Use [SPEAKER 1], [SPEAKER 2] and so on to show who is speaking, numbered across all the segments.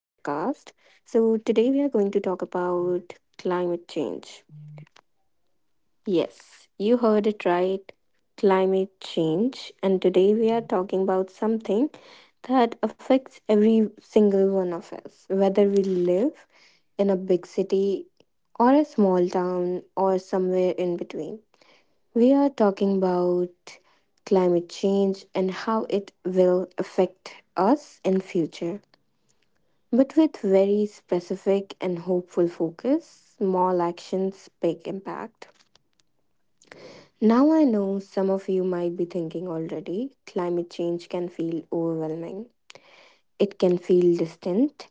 [SPEAKER 1] So, today we are going to talk about climate change. Yes, you heard it right, climate change. And today we are talking about something that affects every single one of us, whether we live in a big city or a small town or somewhere in between. We are talking about climate change and how it will affect us in future. But with very specific and hopeful focus, small actions, big impact. Now I know some of you might be thinking already, climate change can feel overwhelming. It can feel distant,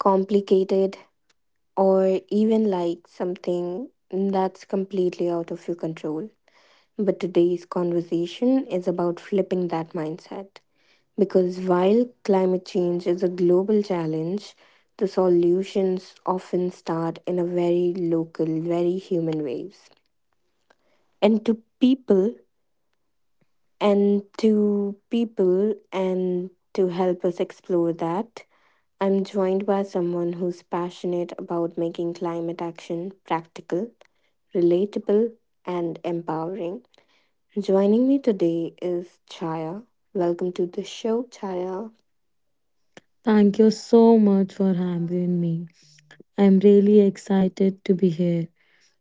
[SPEAKER 1] complicated, or even like something that's completely out of your control. But today's conversation is about flipping that mindset. Because while climate change is a global challenge, the solutions often start in a very local, very human ways. And to people, and to help us explore that, I'm joined by someone who's passionate about making climate action practical, relatable, and empowering. Joining me today is Chaya. Welcome to the show, Chaya.
[SPEAKER 2] Thank you so much for having me. I'm really excited to be here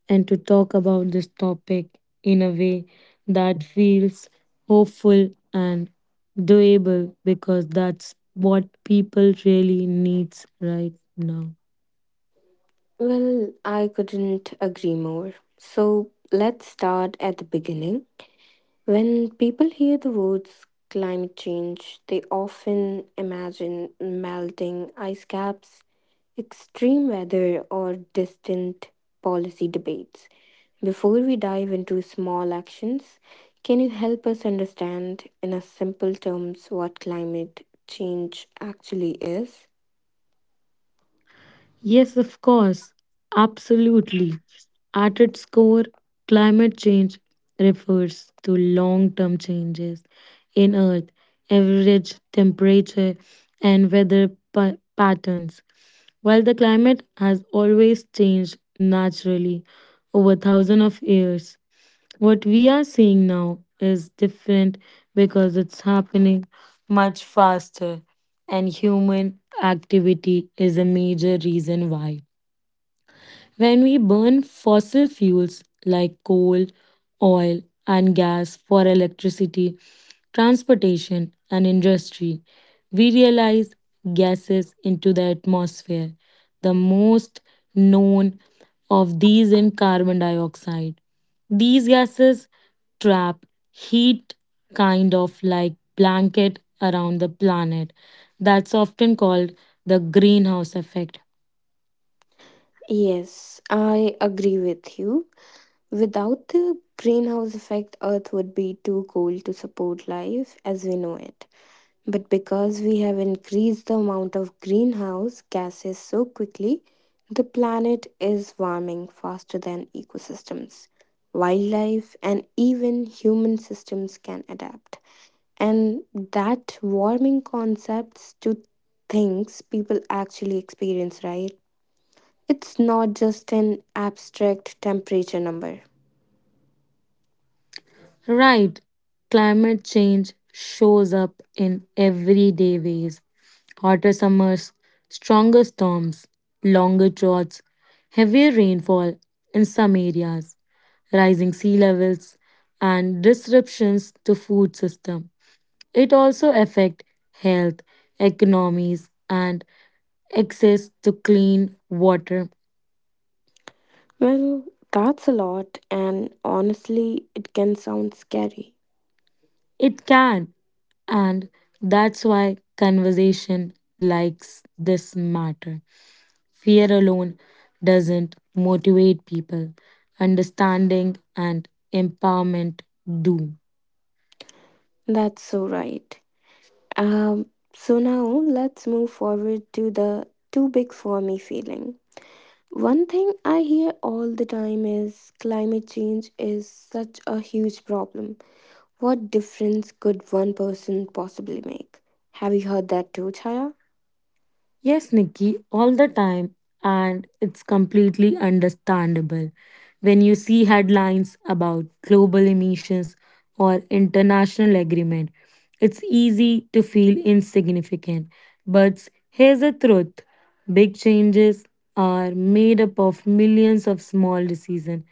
[SPEAKER 2] and to talk about this topic in a way that feels hopeful and doable because that's what people really needs right now.
[SPEAKER 1] Well, I couldn't agree more. So let's start at the beginning. When people hear the words climate change, they often imagine melting ice caps, extreme weather, or distant policy debates. Before we dive into small actions, can you help us understand in a simple terms what climate change actually is?
[SPEAKER 2] Yes, of course. Absolutely. At its core, climate change refers to long term changes in Earth, average temperature, and weather patterns. While the climate has always changed naturally over thousands of years, what we are seeing now is different because it's happening much faster, and human activity is a major reason why. When we burn fossil fuels like coal, oil, and gas for electricity, transportation, and industry, we realize gases into the atmosphere. The most known of these in carbon dioxide. These gases trap heat kind of like blanket around the planet. That's often called the greenhouse effect.
[SPEAKER 1] Yes, I agree with you. Without the greenhouse effect, Earth would be too cold to support life as we know it. But because we have increased the amount of greenhouse gases so quickly, the planet is warming faster than ecosystems, wildlife, and even human systems can adapt. And that warming concepts to things people actually experience, right? It's not just an abstract temperature number.
[SPEAKER 2] Right, climate change shows up in everyday ways hotter summers, stronger storms, longer droughts, heavier rainfall in some areas, rising sea levels, and disruptions to food system. It also affect health, economies, and access to clean water.
[SPEAKER 1] Well, that's a lot, and honestly, it can sound scary.
[SPEAKER 2] It can, and that's why conversation likes this matter. Fear alone doesn't motivate people. Understanding and empowerment do.
[SPEAKER 1] That's so right. Um, so now let's move forward to the too big for me feeling. One thing I hear all the time is climate change is such a huge problem. What difference could one person possibly make? Have you heard that too, Chaya?
[SPEAKER 2] Yes, Nikki, all the time, and it's completely understandable. When you see headlines about global emissions or international agreement, it's easy to feel insignificant. But here's the truth big changes are made up of millions of small decisions.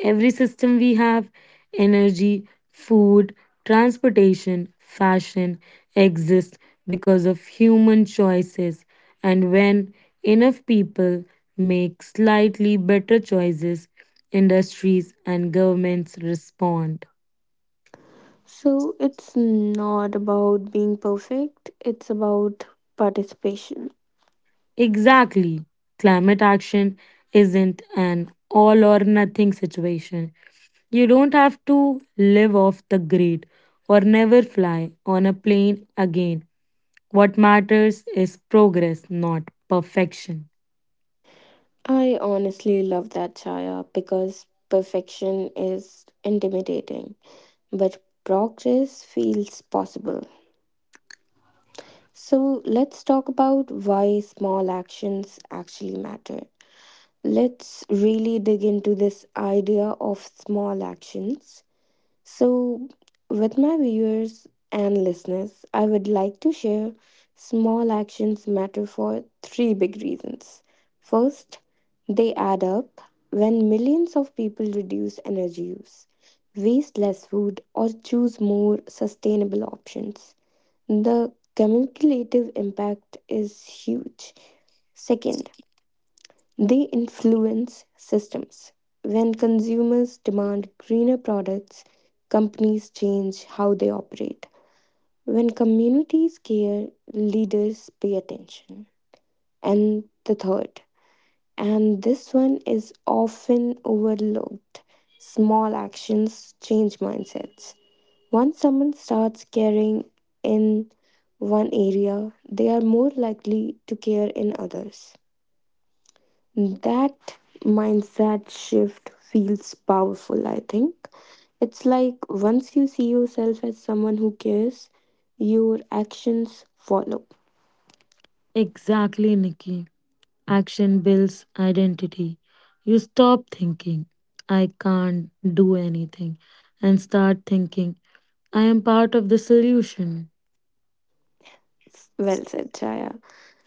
[SPEAKER 2] Every system we have energy, food, transportation, fashion exists because of human choices. And when enough people make slightly better choices, industries and governments respond.
[SPEAKER 1] So it's not about being perfect, it's about participation.
[SPEAKER 2] Exactly. Climate action isn't an all or nothing situation. You don't have to live off the grid or never fly on a plane again. What matters is progress, not perfection.
[SPEAKER 1] I honestly love that, Chaya, because perfection is intimidating, but progress feels possible. So, let's talk about why small actions actually matter. Let's really dig into this idea of small actions. So, with my viewers and listeners, I would like to share small actions matter for three big reasons. First, they add up when millions of people reduce energy use, waste less food, or choose more sustainable options. The cumulative impact is huge. Second, they influence systems. When consumers demand greener products, companies change how they operate. When communities care, leaders pay attention. And the third, and this one is often overlooked, small actions change mindsets. Once someone starts caring in one area, they are more likely to care in others. That mindset shift feels powerful, I think. It's like once you see yourself as someone who cares, your actions follow.
[SPEAKER 2] Exactly, Nikki. Action builds identity. You stop thinking, I can't do anything, and start thinking, I am part of the solution.
[SPEAKER 1] Well said, Chaya.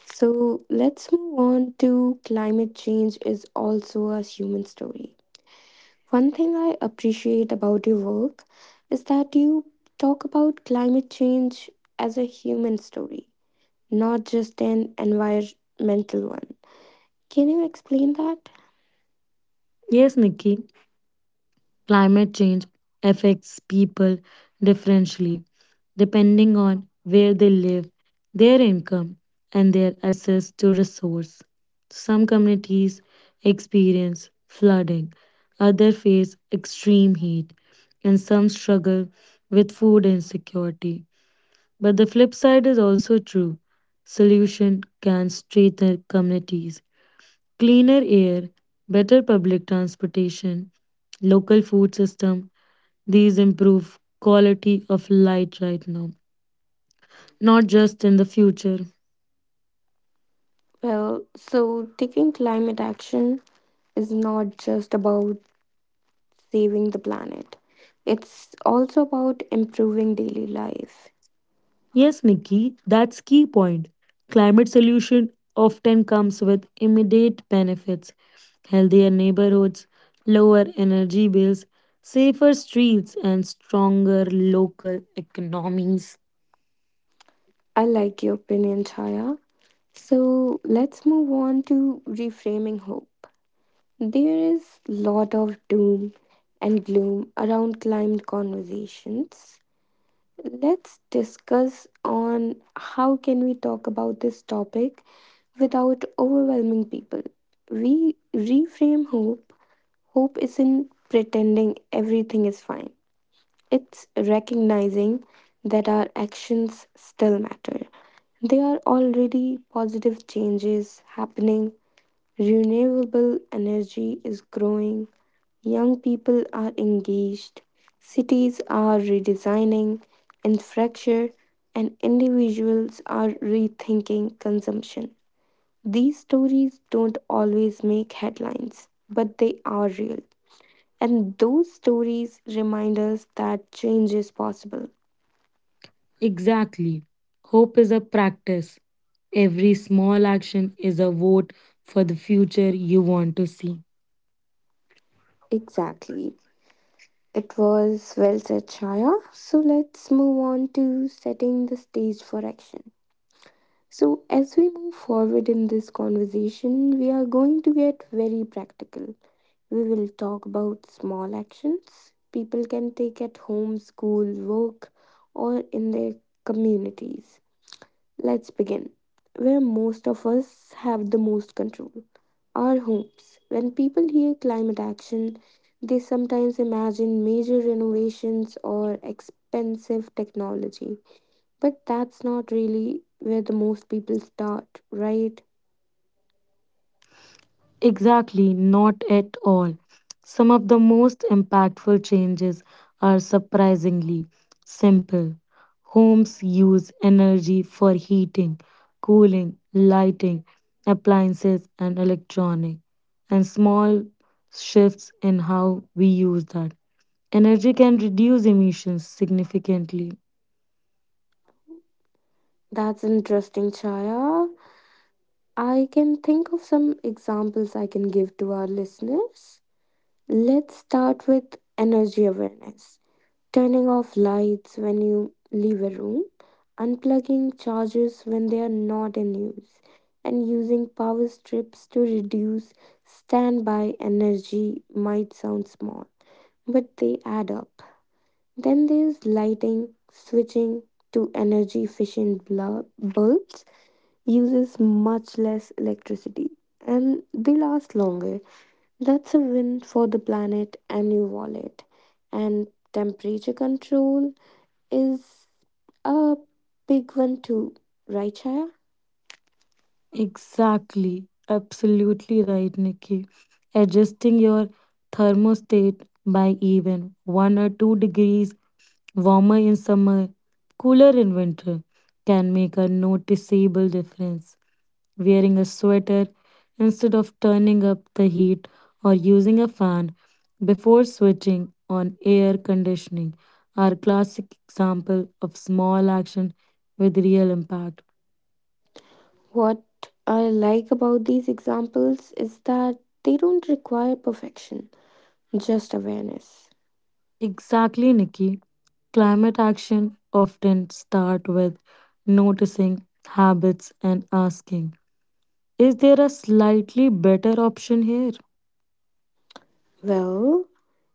[SPEAKER 1] So let's move on to climate change is also a human story. One thing I appreciate about your work is that you talk about climate change as a human story, not just an environmental one. Can you explain that?
[SPEAKER 2] Yes, Nikki, climate change affects people differently depending on where they live, their income, and their access to resource. Some communities experience flooding, others face extreme heat, and some struggle with food insecurity. But the flip side is also true. Solution can strengthen communities. Cleaner air, better public transportation, local food system, these improve quality of light right now, not just in the future.
[SPEAKER 1] Well, so taking climate action is not just about saving the planet, it's also about improving daily life.
[SPEAKER 2] Yes, Nikki, that's key point. Climate solution often comes with immediate benefits. Healthier neighborhoods, lower energy bills, safer streets, and stronger local economies.
[SPEAKER 1] I like your opinion, Chaya. So let's move on to reframing hope. There is lot of doom and gloom around climate conversations, let's discuss on how can we talk about this topic without overwhelming people. We reframe hope. Hope isn't pretending everything is fine. It's recognizing that our actions still matter. There are already positive changes happening. Renewable energy is growing. Young people are engaged, cities are redesigning infrastructure, and individuals are rethinking consumption. These stories don't always make headlines, but they are real. And those stories remind us that change is possible.
[SPEAKER 2] Exactly. Hope is a practice. Every small action is a vote for the future you want to see.
[SPEAKER 1] Exactly. It was well said, Shaya. So let's move on to setting the stage for action. So, as we move forward in this conversation, we are going to get very practical. We will talk about small actions people can take at home, school, work, or in their communities. Let's begin. Where most of us have the most control, our homes. When people hear climate action, they sometimes imagine major renovations or expensive technology. But that's not really where the most people start, right?
[SPEAKER 2] Exactly, not at all. Some of the most impactful changes are surprisingly simple. Homes use energy for heating, cooling, lighting, appliances, and electronic, and small shifts in how we use that. Energy can reduce emissions significantly.
[SPEAKER 1] That's interesting, Chaya. I can think of some examples I can give to our listeners. Let's start with energy awareness. Turning off lights when you leave a room, unplugging chargers when they are not in use, and using power strips to reduce standby energy might sound small, but they add up. Then there's lighting, switching to energy efficient bulbs uses much less electricity and they last longer. That's a win for the planet and your wallet. And temperature control is a big one too, right, Shaya?
[SPEAKER 2] Exactly. Absolutely right, Nikki. Adjusting your thermostat by even 1 or 2 degrees warmer in summer, cooler in winter can make a noticeable difference. Wearing a sweater instead of turning up the heat or using a fan before switching on air conditioning are classic example of small action with real impact.
[SPEAKER 1] What I like about these examples is that they don't require perfection, just awareness.
[SPEAKER 2] Exactly, Nikki. Climate action often start with noticing habits and asking, is there a slightly better option here?
[SPEAKER 1] Well,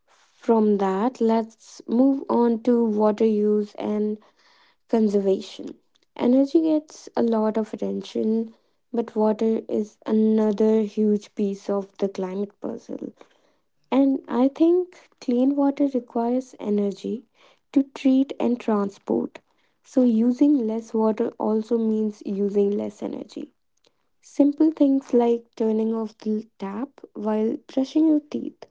[SPEAKER 1] from that, let's move on to water use and conservation. Energy gets a lot of attention, but water is another huge piece of the climate puzzle. And I think clean water requires energy to treat and transport. So, using less water also means using less energy. Simple things like turning off the tap while brushing your teeth,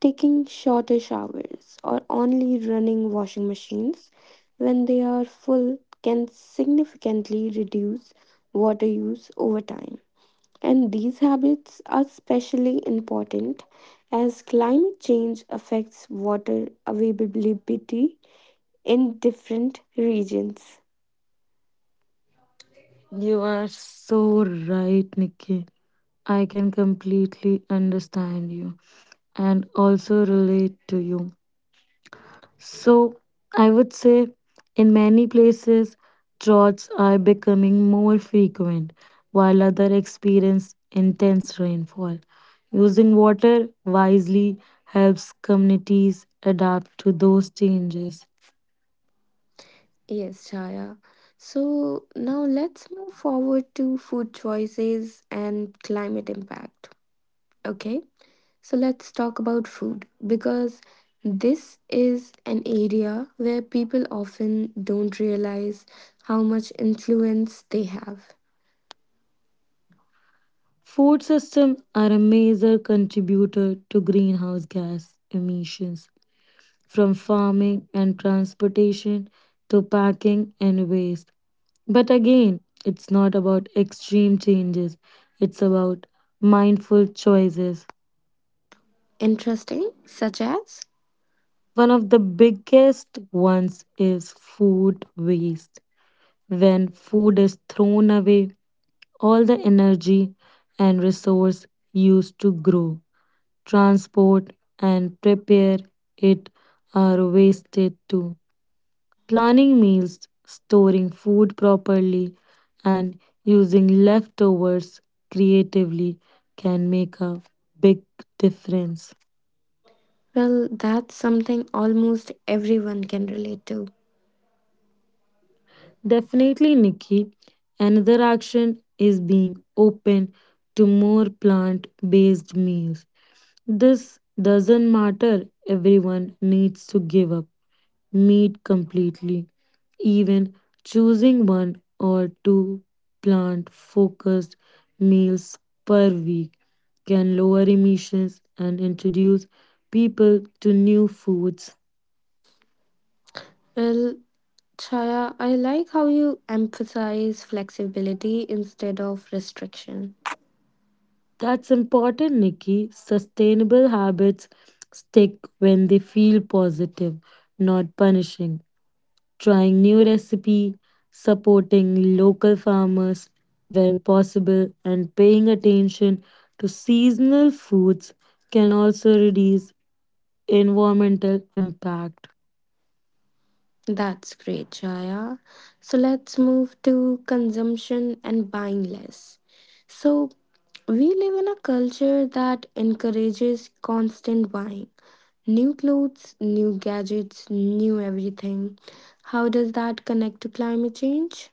[SPEAKER 1] taking shorter showers, or only running washing machines when they are full can significantly reduce water use over time. And these habits are especially important as climate change affects water availability in different regions.
[SPEAKER 2] You are so right, Nikki. I can completely understand you and also relate to you. So I would say in many places, droughts are becoming more frequent, while others experience intense rainfall. Using water wisely helps communities adapt to those changes.
[SPEAKER 1] Yes, Chaya. So now let's move forward to food choices and climate impact. Okay, so let's talk about food because this is an area where people often don't realize how much influence they have.
[SPEAKER 2] Food systems are a major contributor to greenhouse gas emissions, from farming and transportation to packing and waste. But again, it's not about extreme changes, it's about mindful choices.
[SPEAKER 1] Interesting, such as?
[SPEAKER 2] One of the biggest ones is food waste. When food is thrown away, all the energy and resource used to grow, transport, and prepare it are wasted too. Planning meals, storing food properly, and using leftovers creatively can make a big difference.
[SPEAKER 1] Well, that's something almost everyone can relate to.
[SPEAKER 2] Definitely, Nikki. Another action is being open to more plant based meals. This doesn't matter, everyone needs to give up meat completely. Even choosing one or two plant focused meals per week can lower emissions and introduce people to new foods.
[SPEAKER 1] Well, Chaya, I like how you emphasize flexibility instead of restriction.
[SPEAKER 2] That's important, Nikki. Sustainable habits stick when they feel positive, not punishing. Trying new recipe, supporting local farmers when possible, and paying attention to seasonal foods can also reduce environmental impact.
[SPEAKER 1] That's great, Chaya. So let's move to consumption and buying less. So we live in a culture that encourages constant buying. New clothes, new gadgets, new everything. How does that connect to climate change?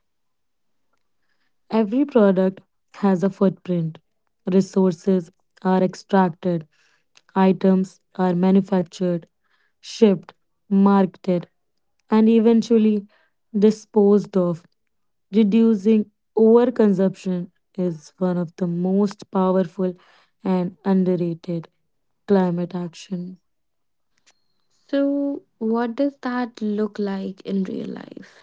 [SPEAKER 2] Every product has a footprint. Resources are extracted, items are manufactured, shipped, marketed, and eventually disposed of. Reducing overconsumption is one of the most powerful and underrated climate action.
[SPEAKER 1] So, what does that look like in real life?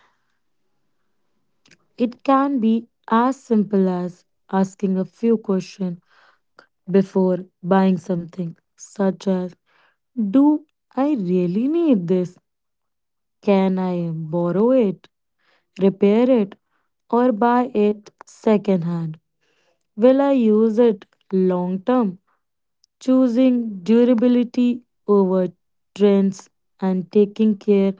[SPEAKER 2] It can be as simple as asking a few questions before buying something, such as, do I really need this? Can I borrow it, repair it, or buy it secondhand? Will I use it long term? Choosing durability over trends and taking care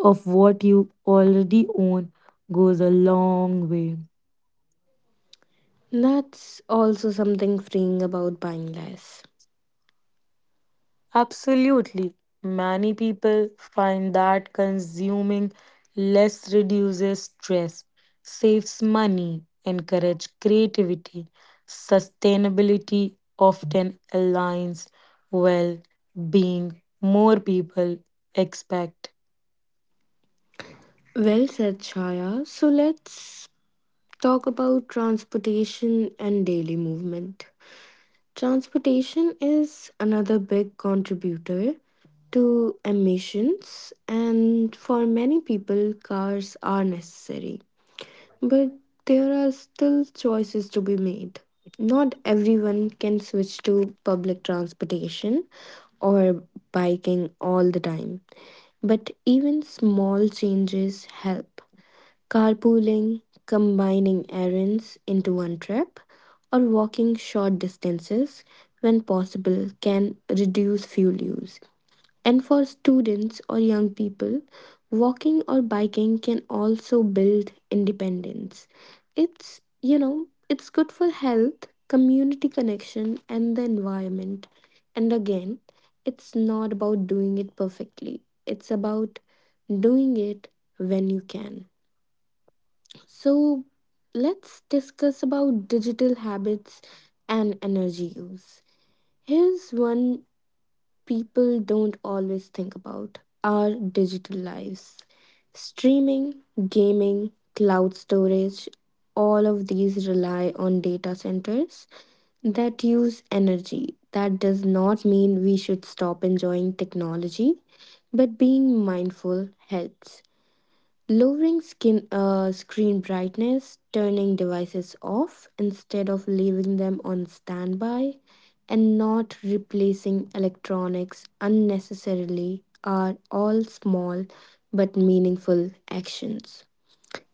[SPEAKER 2] of what you already own goes a long way.
[SPEAKER 1] That's also something freeing about buying less.
[SPEAKER 2] Absolutely. Many people find that consuming less reduces stress, saves money, encourages creativity. Sustainability often aligns well being more people expect.
[SPEAKER 1] Well said, Chaya. So let's talk about transportation and daily movement. Transportation is another big contributor to emissions, and for many people, cars are necessary. But there are still choices to be made. Not everyone can switch to public transportation or biking all the time, but even small changes help. Carpooling, combining errands into one trip, or walking short distances when possible can reduce fuel use. And for students or young people, walking or biking can also build independence. It's it's good for health, community connection, and the environment. And again, it's not about doing it perfectly, it's about doing it when you can. So let's discuss about digital habits and energy use. Here's one people don't always think about, our digital lives. Streaming, gaming, cloud storage, all of these rely on data centers that use energy. That does not mean we should stop enjoying technology, but being mindful helps. Lowering screen brightness, turning devices off instead of leaving them on standby, and not replacing electronics unnecessarily are all small but meaningful actions.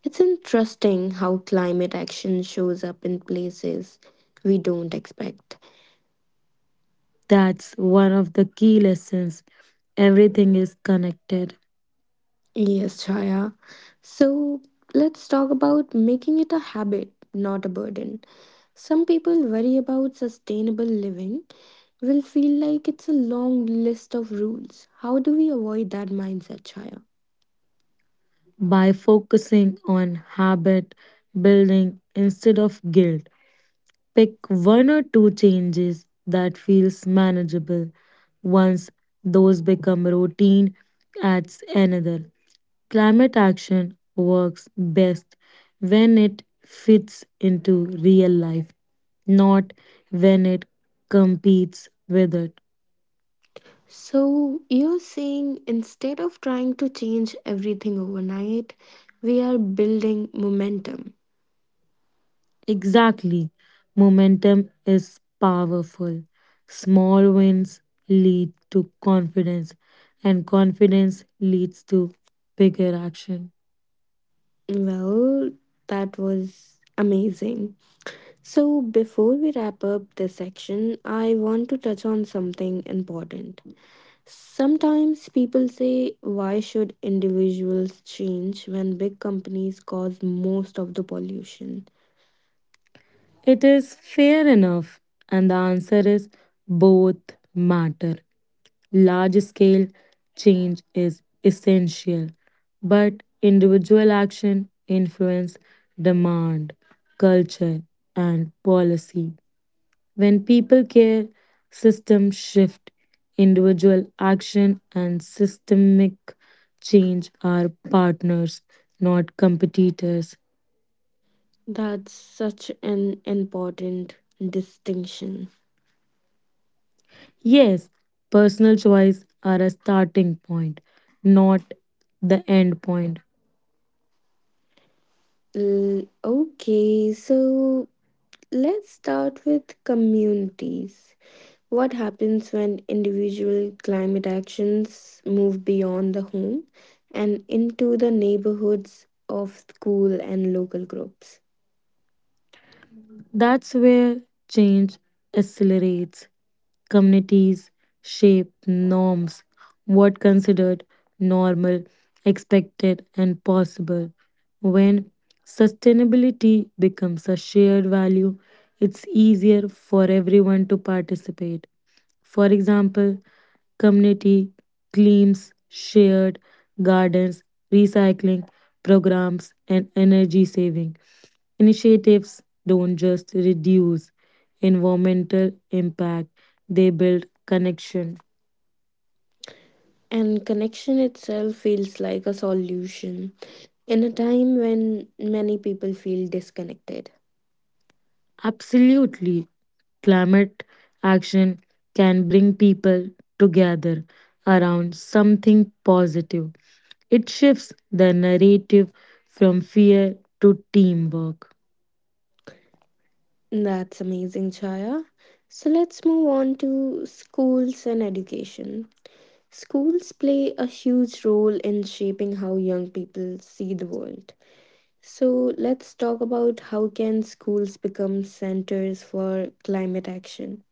[SPEAKER 1] It's interesting how climate action shows up in places we don't expect.
[SPEAKER 2] That's one of the key lessons. Everything is connected.
[SPEAKER 1] Yes, Chaya. So let's talk about making it a habit, not a burden. Some people worry about sustainable living will feel like it's a long list of rules. How do we avoid that mindset, Chaya?
[SPEAKER 2] By focusing on habit building instead of guilt, pick one or two changes that feels manageable. Once those become routine, adds another. Climate action works best when it fits into real life, not when it competes with it.
[SPEAKER 1] So you're saying instead of trying to change everything overnight, we are building momentum.
[SPEAKER 2] Exactly. Momentum is powerful. Small wins lead to confidence, and confidence leads to bigger action.
[SPEAKER 1] Well, that was amazing. So, before we wrap up this section, I want to touch on something important. Sometimes people say, why should individuals change when big companies cause most of the pollution?
[SPEAKER 2] It is fair enough, and the answer is both matter. Large scale change is essential, but individual action influence demand, culture, and policy. When people care, systems shift. Individual action and systemic change are partners, not competitors.
[SPEAKER 1] That's such an important distinction.
[SPEAKER 2] Yes, personal choice are a starting point, not the end point.
[SPEAKER 1] Okay, so let's start with communities. What happens when individual climate actions move beyond the home and into the neighborhoods of school and local groups?
[SPEAKER 2] That's where change accelerates. Communities shape norms, what considered normal, expected, and possible. When sustainability becomes a shared value, it's easier for everyone to participate. For example, community cleans, shared gardens, recycling programs, and energy saving initiatives don't just reduce environmental impact, they build connection.
[SPEAKER 1] And connection itself feels like a solution in a time when many people feel disconnected.
[SPEAKER 2] Absolutely, climate action can bring people together around something positive. It shifts the narrative from fear to teamwork.
[SPEAKER 1] That's amazing, Chaya. So let's move on to schools and education. Schools play a huge role in shaping how young people see the world. So let's talk about how can schools become centers for climate action.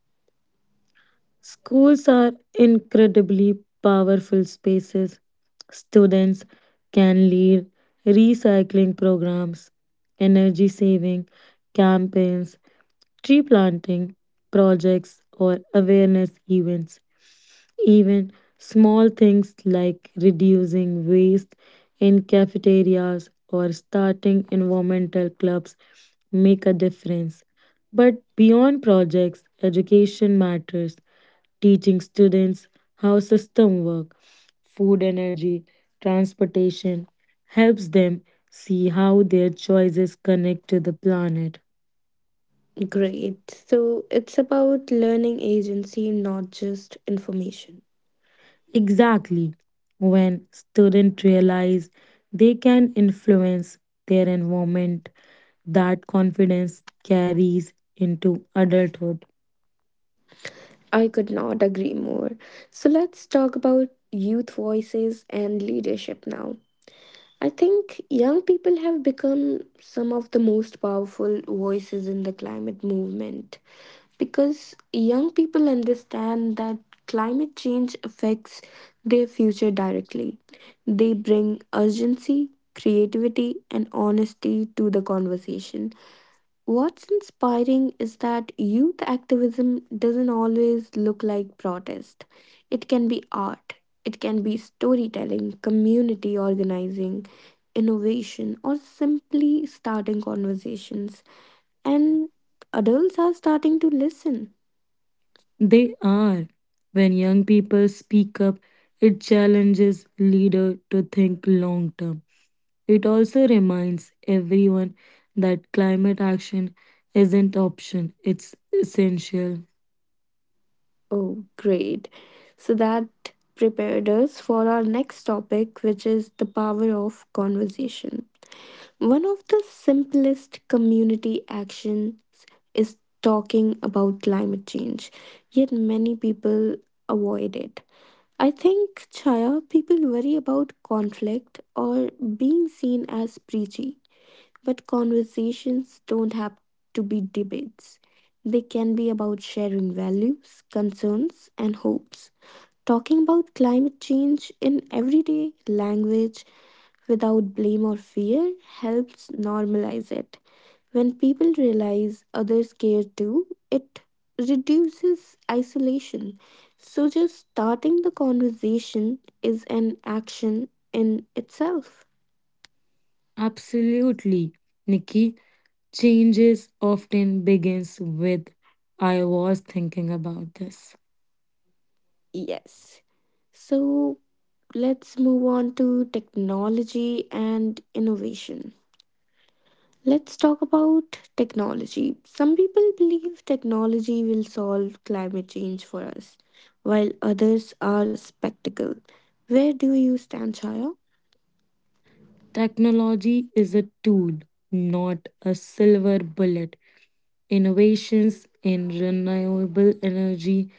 [SPEAKER 2] Schools are incredibly powerful spaces. Students can lead recycling programs, energy saving campaigns, tree planting projects, or awareness events. Even small things like reducing waste in cafeterias or starting environmental clubs make a difference. But beyond projects, education matters. Teaching students how systems work, food energy, transportation helps them see how their choices connect to the planet.
[SPEAKER 1] Great. So it's about learning agency, not just information.
[SPEAKER 2] Exactly. When students realize they can influence their environment, that confidence carries into adulthood.
[SPEAKER 1] I could not agree more. So let's talk about youth voices and leadership now. I think young people have become some of the most powerful voices in the climate movement because young people understand that climate change affects their future directly. They bring urgency, creativity, and honesty to the conversation. What's inspiring is that youth activism doesn't always look like protest. It can be art, it can be storytelling, community organizing, innovation, or simply starting conversations. And adults are starting to listen.
[SPEAKER 2] They are. When young people speak up, it challenges leader to think long term. It also reminds everyone that climate action isn't option, it's essential.
[SPEAKER 1] Oh, great. So that prepared us for our next topic, which is the power of conversation. One of the simplest community actions is talking about climate change, yet many people avoid it. I think, Chaya, people worry about conflict or being seen as preachy, but conversations don't have to be debates. They can be about sharing values, concerns, and hopes. Talking about climate change in everyday language without blame or fear helps normalize it. When people realize others care too, it reduces isolation. So, just starting the conversation is an action in itself.
[SPEAKER 2] Absolutely, Nikki. Changes often begins with, I was thinking about this.
[SPEAKER 1] Yes. So, let's move on to technology and innovation. Let's talk about technology. Some people believe technology will solve climate change for us, while others are skeptical. Where do you stand, Chaya?
[SPEAKER 2] Technology is a tool, not a silver bullet. Innovations in renewable energy,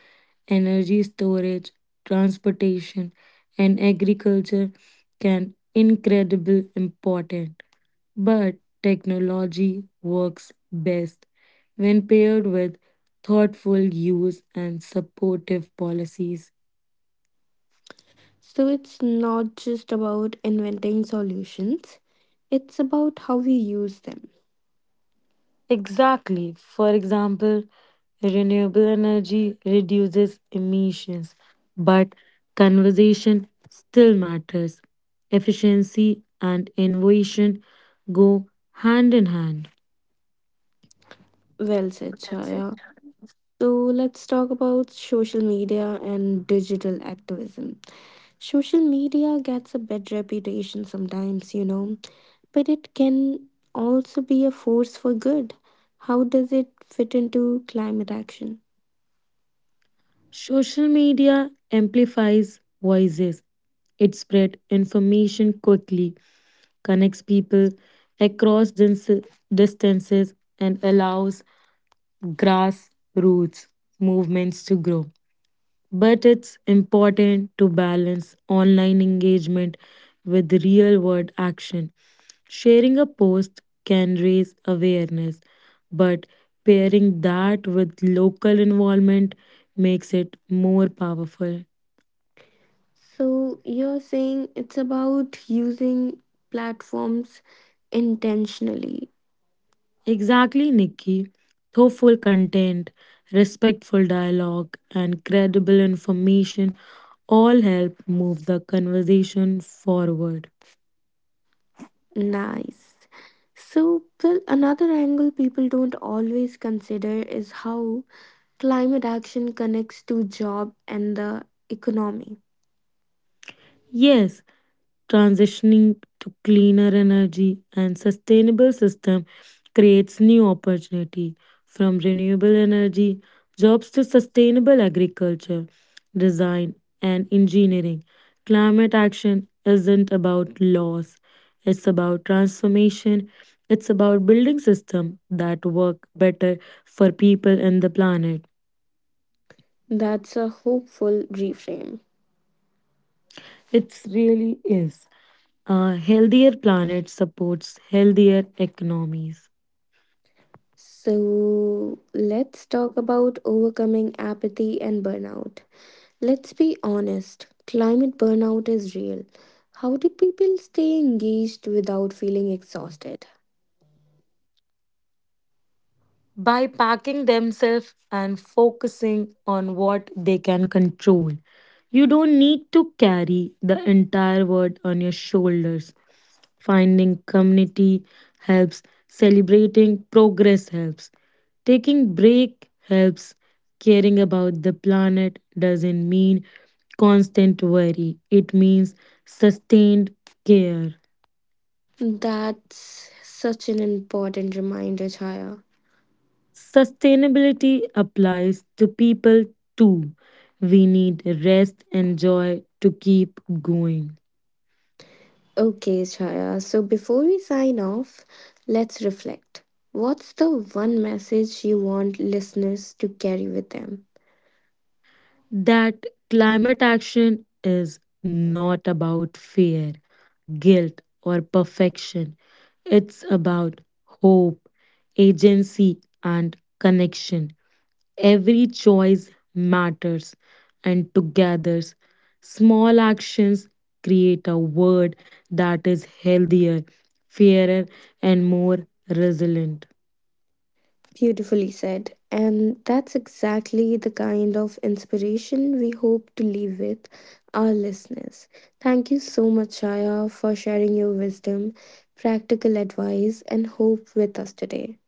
[SPEAKER 2] energy storage, transportation, and agriculture can incredible important. But technology works best when paired with thoughtful use and supportive policies.
[SPEAKER 1] So it's not just about inventing solutions, it's about how we use them.
[SPEAKER 2] Exactly. For example, renewable energy reduces emissions, but conversation still matters. Efficiency and innovation go hand in hand.
[SPEAKER 1] Well said, Chaya. So let's talk about social media and digital activism. Social media gets a bad reputation sometimes, but it can also be a force for good. How does it fit into climate action?
[SPEAKER 2] Social media amplifies voices. It spreads information quickly, connects people across distances, and allows grassroots movements to grow. But it's important to balance online engagement with real world action. Sharing a post can raise awareness, but pairing that with local involvement makes it more powerful.
[SPEAKER 1] So you're saying it's about using platforms intentionally.
[SPEAKER 2] Exactly, Nikki. Thoughtful content, respectful dialogue, and credible information all help move the conversation forward.
[SPEAKER 1] Nice. So, well, another angle people don't always consider is how climate action connects to job and the economy.
[SPEAKER 2] Yes, transitioning to cleaner energy and sustainable system creates new opportunity, from renewable energy jobs to sustainable agriculture, design, and engineering. Climate action isn't about laws, it's about transformation. It's about building system that work better for people and the planet.
[SPEAKER 1] That's a hopeful reframe.
[SPEAKER 2] It really is. A healthier planet supports healthier economies.
[SPEAKER 1] So let's talk about overcoming apathy and burnout. Let's be honest, climate burnout is real. How do people stay engaged without feeling exhausted?
[SPEAKER 2] By packing themselves and focusing on what they can control. You don't need to carry the entire world on your shoulders. Finding community helps, celebrating progress helps, taking break helps. Caring about the planet doesn't mean constant worry, it means sustained care.
[SPEAKER 1] That's such an important reminder, Chaya.
[SPEAKER 2] Sustainability applies to people too. We need rest and joy to keep going.
[SPEAKER 1] Okay, Chaya. So before we sign off, let's reflect. What's the one message you want listeners to carry with them?
[SPEAKER 2] That climate action is not about fear, guilt, or perfection. It's about hope, agency, and connection. Every choice matters, and together, small actions create a world that is healthier, fairer, and more resilient.
[SPEAKER 1] Beautifully said. And that's exactly the kind of inspiration we hope to leave with our listeners. Thank you so much, Chaya, for sharing your wisdom, practical advice, and hope with us today.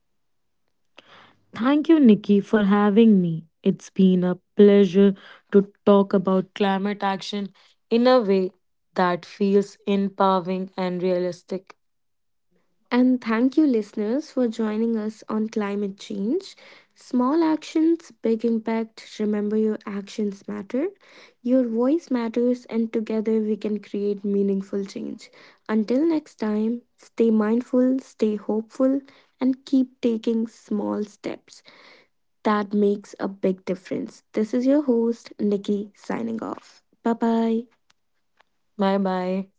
[SPEAKER 2] Thank you, Nikki, for having me. It's been a pleasure to talk about climate action in a way that feels empowering and realistic.
[SPEAKER 1] And thank you, listeners, for joining us on climate change. Small actions, big impact. Remember, your actions matter, your voice matters, and together we can create meaningful change. Until next time, stay mindful, stay hopeful, and keep taking small steps. That makes a big difference. This is your host, Nikki, signing off. Bye bye.
[SPEAKER 2] Bye bye.